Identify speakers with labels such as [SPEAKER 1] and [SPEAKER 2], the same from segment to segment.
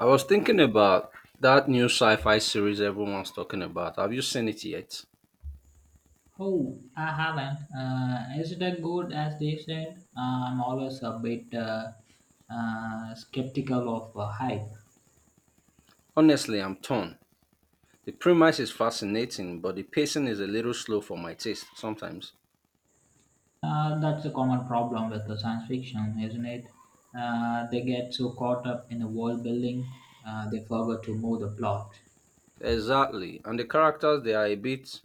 [SPEAKER 1] I was thinking about that new sci fi series everyone's talking about. Have you seen it yet?
[SPEAKER 2] Oh, I haven't. Is it as good as they said? I'm always a bit skeptical of hype.
[SPEAKER 1] Honestly, I'm torn. The premise is fascinating, but the pacing is a little slow for my taste sometimes.
[SPEAKER 2] That's a common problem with the science fiction, isn't it? They get so caught up in the world building, they forget to move the plot.
[SPEAKER 1] Exactly. And the characters, they are a bit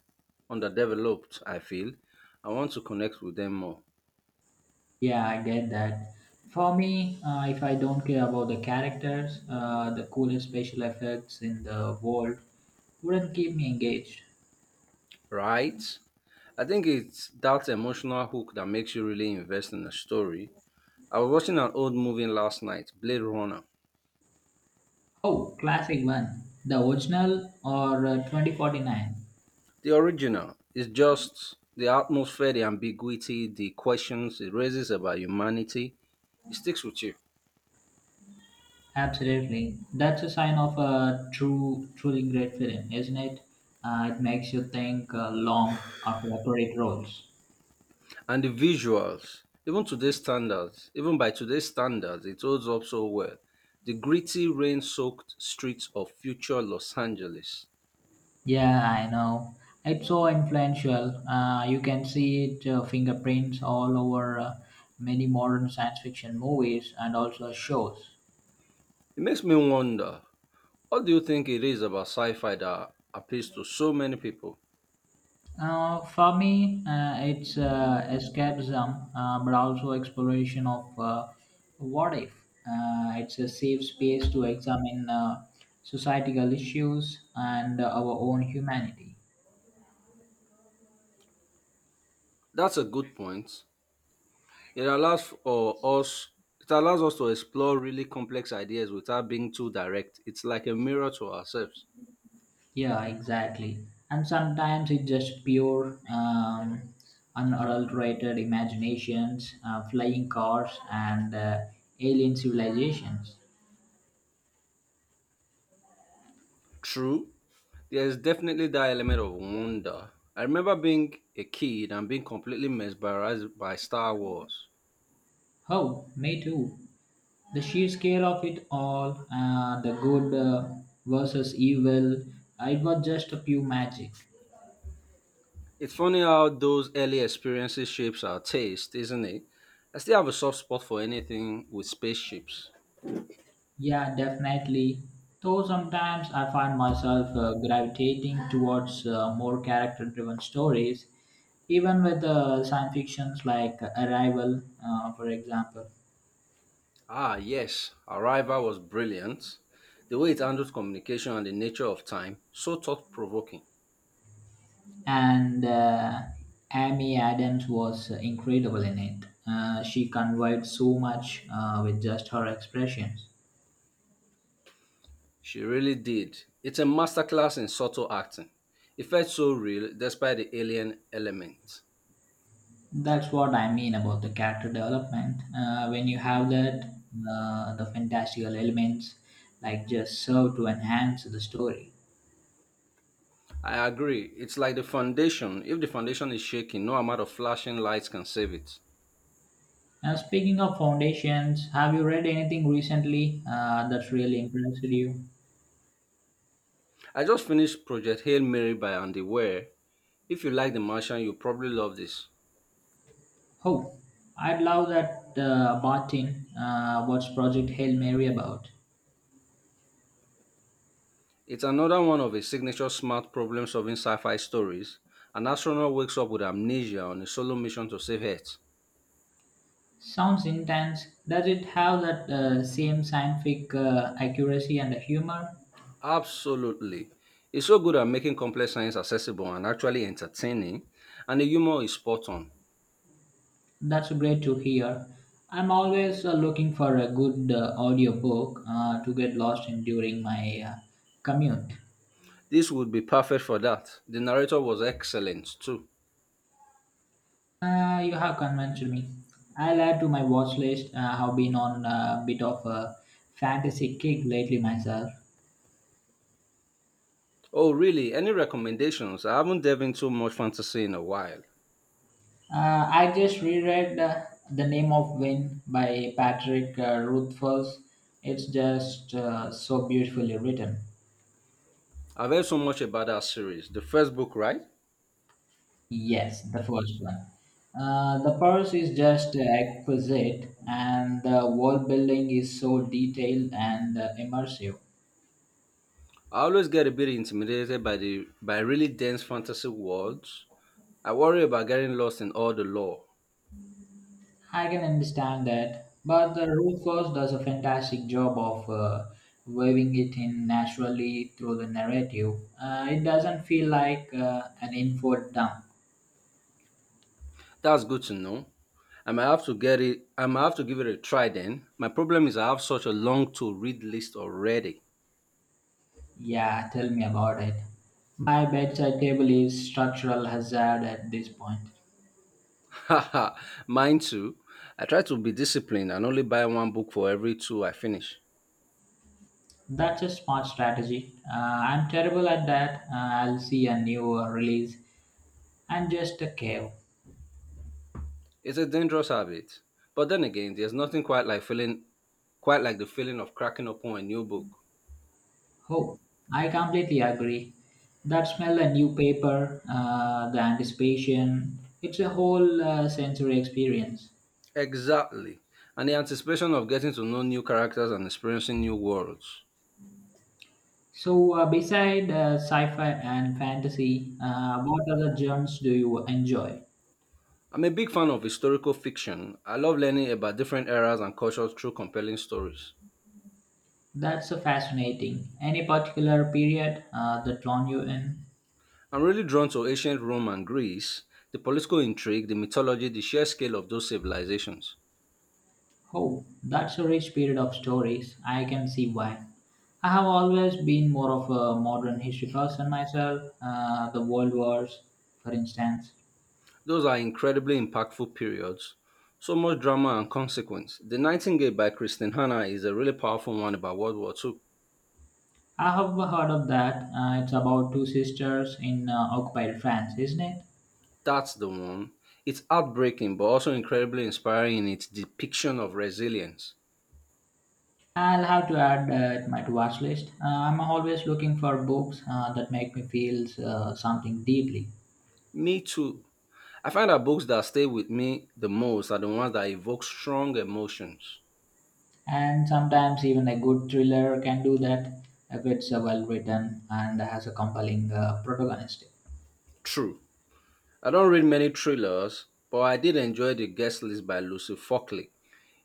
[SPEAKER 1] underdeveloped, I feel. I want to connect with them more.
[SPEAKER 2] Yeah, I get that. For me, if I don't care about the characters, the coolest special effects in the world wouldn't keep me engaged.
[SPEAKER 1] Right? I think it's that emotional hook that makes you really invest in the story. I was watching an old movie last night, Blade Runner.
[SPEAKER 2] Oh, classic one. The original or 2049.
[SPEAKER 1] The original is just the atmosphere, the ambiguity, the questions it raises about humanity. It sticks with you.
[SPEAKER 2] Absolutely. That's a sign of a truly great film, isn't it? It makes you think long after the credit rolls.
[SPEAKER 1] And the visuals, even today's standards, even by today's standards, it holds up so well. The gritty, rain soaked streets of future Los Angeles.
[SPEAKER 2] Yeah, I know. It's so influential. You can see it fingerprints all over many modern science fiction movies and also shows.
[SPEAKER 1] It makes me wonder, what do you think it is about sci fi that appeals to so many people?
[SPEAKER 2] For me, it's escapism, but also exploration of what if. It's a safe space to examine societal issues and our own humanity.
[SPEAKER 1] That's a good point. It allows for us it allows us to explore really complex ideas without being too direct. It's like a mirror to ourselves.
[SPEAKER 2] Yeah, exactly. And sometimes it's just pure, unadulterated imaginations, flying cars, and alien civilizations.
[SPEAKER 1] True, there's definitely that element of wonder. I remember being a kid and being completely mesmerized by Star Wars.
[SPEAKER 2] Oh, me too. The sheer scale of it all and the good versus evil, it was just a pure magic.
[SPEAKER 1] It's funny how those early experiences shapes our taste, isn't it? I still have a soft spot for anything with spaceships.
[SPEAKER 2] Yeah, definitely. Though sometimes I find myself gravitating towards more character driven stories, even with science fictions like arrival, for example.
[SPEAKER 1] Ah, yes, Arrival was brilliant. The way it handled communication and the nature of time, so thought provoking.
[SPEAKER 2] And Amy Adams was incredible in it. She conveyed so much with just her expressions.
[SPEAKER 1] She really did. It's a masterclass in subtle acting. It felt so real despite the alien element.
[SPEAKER 2] That's what I mean about the character development. When you have that, the fantastical elements like just serve to enhance the story.
[SPEAKER 1] I agree. It's like the foundation. If the foundation is shaking, no amount of flashing lights can save it.
[SPEAKER 2] Now, speaking of foundations, have you read anything recently that's really impressed you?
[SPEAKER 1] I just finished Project Hail Mary by Andy Weir. If you like The Martian, you probably love this.
[SPEAKER 2] Oh, I'd love that, Bartin. What's Project Hail Mary about?
[SPEAKER 1] It's another one of his signature smart problem solving sci fi stories. An astronaut wakes up with amnesia on a solo mission to save Earth.
[SPEAKER 2] Sounds intense. Does it have that same scientific accuracy and humor?
[SPEAKER 1] Absolutely. He's so good at making complex science accessible and actually entertaining, and the humor is spot on.
[SPEAKER 2] That's great to hear. I'm always looking for a good audiobook to get lost in during my commute.
[SPEAKER 1] This would be perfect for that. The narrator was excellent too.
[SPEAKER 2] You have convinced me. I'll add to my watch list. I've been on a bit of a fantasy kick lately myself.
[SPEAKER 1] Oh, really? Any recommendations? I haven't delved into much fantasy in a while.
[SPEAKER 2] I just reread The Name of Win by Patrick Rothfuss. It's just so beautifully written.
[SPEAKER 1] I've heard so much about that series. The first book, right?
[SPEAKER 2] Yes, the first one. The purse is just exquisite, and the wall building is so detailed and immersive.
[SPEAKER 1] I always get a bit intimidated by the by really dense fantasy worlds. I worry about getting lost in all the lore.
[SPEAKER 2] I can understand that, but the roof first does a fantastic job of weaving it in naturally through the narrative. It doesn't feel like an info dump.
[SPEAKER 1] That's good to know. I might have to get it. I might have to give it a try then. My problem is I have such a long to read list already.
[SPEAKER 2] Yeah, tell me about it. My bedside table is structural hazard at this point.
[SPEAKER 1] Mine too. I try to be disciplined and only buy one book for every two I finish.
[SPEAKER 2] That's a smart strategy. I'm terrible at that. I'll see a new release and just a cave.
[SPEAKER 1] It's a dangerous habit. But then again, there's nothing quite like feeling quite like the feeling of cracking open a new book.
[SPEAKER 2] Oh, I completely agree. That smell, a new paper, the anticipation, it's a whole sensory experience.
[SPEAKER 1] Exactly. And the anticipation of getting to know new characters and experiencing new worlds.
[SPEAKER 2] So, beside sci fi and fantasy, what other genres do you enjoy?
[SPEAKER 1] I'm a big fan of historical fiction. I love learning about different eras and cultures through compelling stories.
[SPEAKER 2] That's fascinating. Any particular period that drawn you in?
[SPEAKER 1] I'm really drawn to ancient Rome and Greece, the political intrigue, the mythology, the sheer scale of those civilizations.
[SPEAKER 2] Oh, that's a rich period of stories. I can see why. I have always been more of a modern history person myself. The World Wars, for instance.
[SPEAKER 1] Those are incredibly impactful periods. So much drama and consequence. The Nightingale by Kristen Hannah is a really powerful one about World War II.
[SPEAKER 2] I have heard of that. It's about two sisters in occupied France, isn't it?
[SPEAKER 1] That's the one. It's heartbreaking but also incredibly inspiring in its depiction of resilience.
[SPEAKER 2] I'll have to add that my to watch list. I'm always looking for books that make me feel something deeply.
[SPEAKER 1] Me too. I find that books that stay with me the most are the ones that evoke strong emotions.
[SPEAKER 2] And sometimes even a good thriller can do that if it's well written and has a compelling protagonist.
[SPEAKER 1] True. I don't read many thrillers, but I did enjoy The Guest List by Lucy Falkley.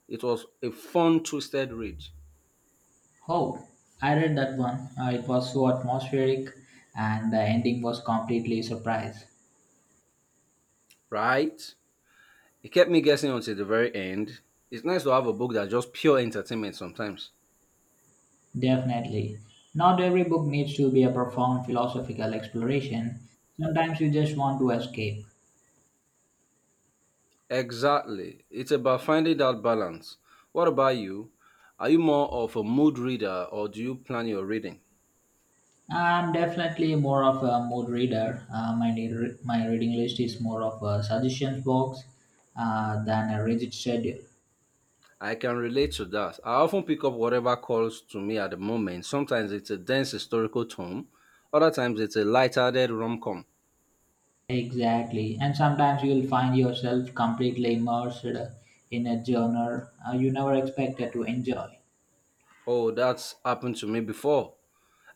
[SPEAKER 1] It was a fun, twisted read,
[SPEAKER 2] Oh, I read that one. It was so atmospheric, and the ending was completely surprise.
[SPEAKER 1] right? It kept me guessing until the very end. It's nice to have a book that's just pure entertainment sometimes.
[SPEAKER 2] Definitely. Not every book needs to be a profound philosophical exploration. Sometimes you just want to escape.
[SPEAKER 1] Exactly. It's about finding that balance. What about you? Are you more of a mood reader or do you plan your reading?
[SPEAKER 2] I'm definitely more of a mood reader. My reading list is more of a suggestions box than a rigid schedule.
[SPEAKER 1] I can relate to that. I often pick up whatever calls to me at the moment. Sometimes it's a dense historical tome, other times it's a light-hearted rom-com.
[SPEAKER 2] Exactly. And sometimes you'll find yourself completely immersed in a genre you never expected to enjoy.
[SPEAKER 1] Oh, that's happened to me before.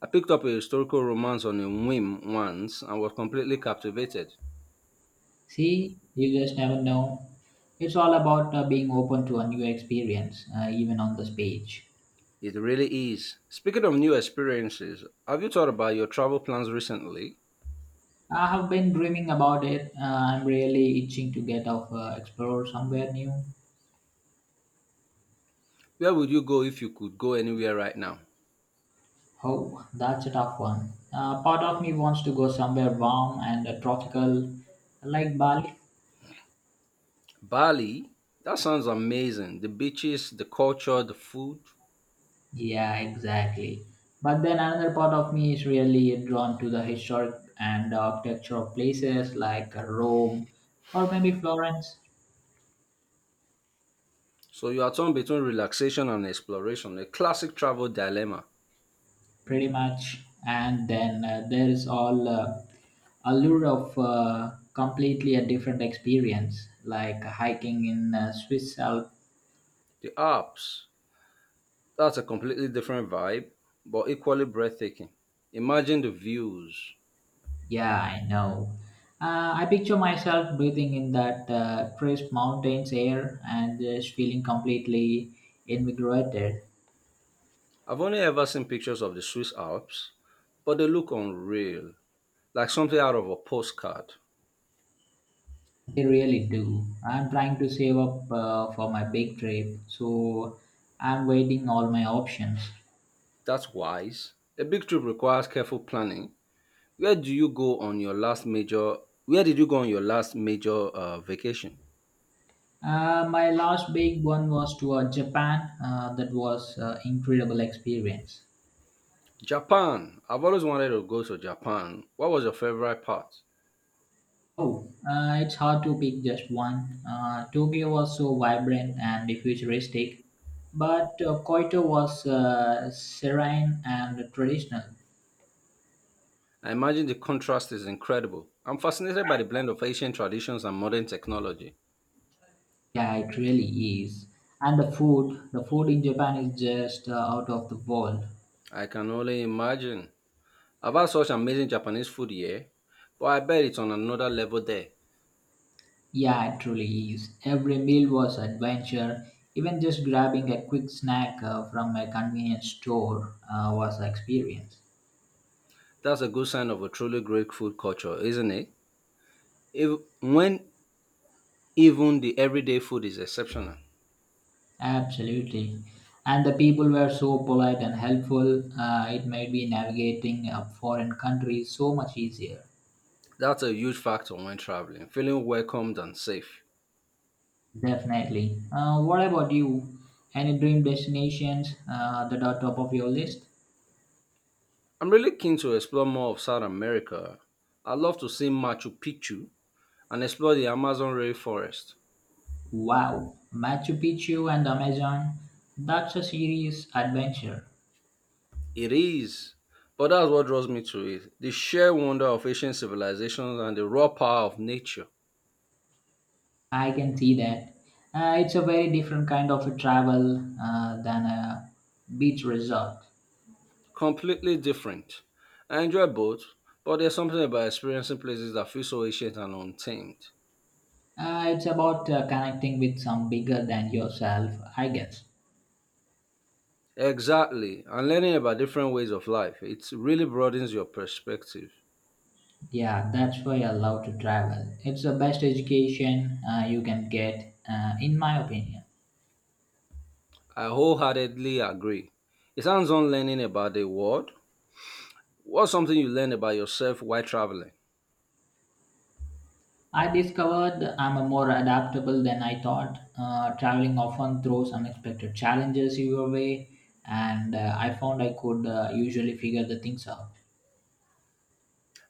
[SPEAKER 1] I picked up a historical romance on a whim once and was completely captivated.
[SPEAKER 2] See, you just never know. It's all about being open to a new experience, even on this page.
[SPEAKER 1] It really is. Speaking of new experiences, have you thought about your travel plans recently?
[SPEAKER 2] I have been dreaming about it. I'm really itching to get off, explore somewhere new.
[SPEAKER 1] Where would you go if you could go anywhere right now?
[SPEAKER 2] Oh, that's a tough one. Part of me wants to go somewhere warm and tropical, like Bali.
[SPEAKER 1] Bali? That sounds amazing. The beaches, the culture, the food.
[SPEAKER 2] Yeah, exactly. But then another part of me is really drawn to the historic and architecture of places like Rome or maybe Florence.
[SPEAKER 1] So you are torn between relaxation and exploration, a classic travel dilemma.
[SPEAKER 2] Pretty much. And then there is all allure of completely a different experience like hiking in swiss Alps.
[SPEAKER 1] The Alps, that's a completely different vibe, but equally breathtaking. Imagine the views.
[SPEAKER 2] Yeah, I know. I picture myself breathing in that crisp mountains air and just feeling completely invigorated.
[SPEAKER 1] I've only ever seen pictures of the Swiss Alps, but they look unreal, like something out of a postcard.
[SPEAKER 2] They really do. I'm trying to save up for my big trip, so I'm weighing all my options.
[SPEAKER 1] That's wise. A big trip requires careful planning. Where do you go on your last major? Where did you go on your last major vacation?
[SPEAKER 2] My last big one was to Japan. That was incredible experience.
[SPEAKER 1] Japan. I've always wanted to go to Japan. What was your favorite part?
[SPEAKER 2] Oh, it's hard to pick just one. Tokyo was so vibrant and futuristic, but Kyoto was serene and traditional.
[SPEAKER 1] I imagine the contrast is incredible. I'm fascinated by the blend of ancient traditions and modern technology.
[SPEAKER 2] Yeah, it really is. And the food in Japan is just out of the world.
[SPEAKER 1] I can only imagine. I've had such amazing Japanese food here, but I bet it's on another level there.
[SPEAKER 2] Yeah, it truly is. Every meal was adventure. Even just grabbing a quick snack from a convenience store was an experience.
[SPEAKER 1] That's a good sign of a truly great food culture, isn't it? If, when Even the everyday food is exceptional.
[SPEAKER 2] Absolutely. And the people were so polite and helpful. It made me navigating a foreign country so much easier.
[SPEAKER 1] That's a huge factor when traveling, feeling welcomed and safe.
[SPEAKER 2] Definitely. What about you? Any dream destinations that are top of your list?
[SPEAKER 1] I'm really keen to explore more of South America. I'd love to see Machu Picchu and explore the Amazon rainforest.
[SPEAKER 2] Wow, Machu Picchu and Amazon. That's a serious adventure.
[SPEAKER 1] It is. But that's what draws me to it. The sheer wonder of ancient civilizations and the raw power of nature.
[SPEAKER 2] I can see that. It's a very different kind of a travel than a beach resort.
[SPEAKER 1] Completely different. I enjoy both, but there's something about experiencing places that feel so ancient and untamed.
[SPEAKER 2] It's about connecting with some bigger than yourself, I guess.
[SPEAKER 1] Exactly. And learning about different ways of life. It really broadens your perspective.
[SPEAKER 2] Yeah, that's why I love to travel. It's the best education you can get, in my opinion.
[SPEAKER 1] I wholeheartedly agree. It hands on learning about the world. What's something you learn about yourself while traveling?
[SPEAKER 2] I discovered I'm a more adaptable than I thought. Traveling often throws unexpected challenges your way, and I found I could usually figure the things out.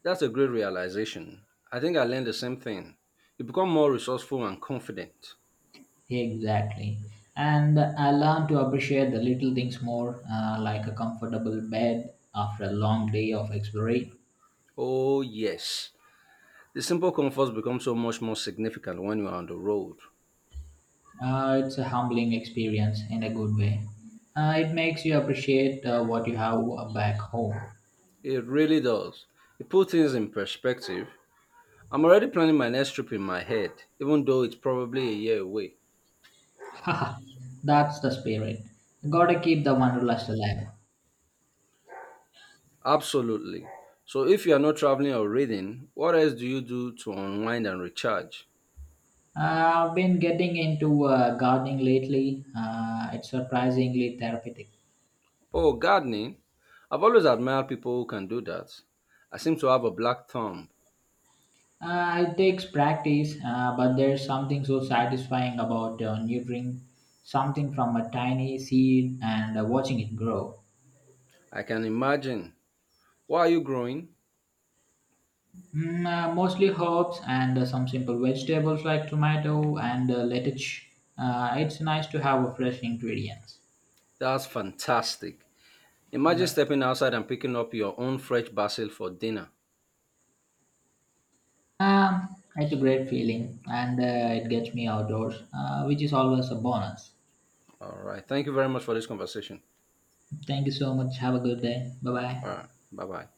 [SPEAKER 1] That's a great realization. I think I learned the same thing. You become more resourceful and confident.
[SPEAKER 2] Exactly. And I learned to appreciate the little things more, like a comfortable bed after a long day of exploring.
[SPEAKER 1] Oh, yes. The simple comforts become so much more significant when you are on the road.
[SPEAKER 2] It's a humbling experience in a good way. It makes you appreciate what you have back home.
[SPEAKER 1] It really does. It puts things in perspective. I'm already planning my next trip in my head, even though it's probably a year away.
[SPEAKER 2] Haha, that's the spirit. Gotta keep the wanderlust alive.
[SPEAKER 1] Absolutely. So, if you are not traveling or reading, what else do you do to unwind and recharge?
[SPEAKER 2] I've been getting into gardening lately. It's surprisingly therapeutic.
[SPEAKER 1] Oh, gardening. I've always admired people who can do that. I seem to have a black thumb.
[SPEAKER 2] It takes practice, but there's something so satisfying about nurturing something from a tiny seed and watching it grow.
[SPEAKER 1] I can imagine. Why are you growing?
[SPEAKER 2] Mostly herbs and some simple vegetables like tomato and lettuce. It's nice to have a fresh ingredients.
[SPEAKER 1] That's fantastic. Imagine
[SPEAKER 2] That-
[SPEAKER 1] stepping outside and picking up your own fresh basil for dinner.
[SPEAKER 2] Um, it's a great feeling, and it gets me outdoors, which is always a bonus.
[SPEAKER 1] All right. Thank you very much for this conversation.
[SPEAKER 2] Thank you so much. Have a good day. Bye bye.
[SPEAKER 1] All right. Bye bye.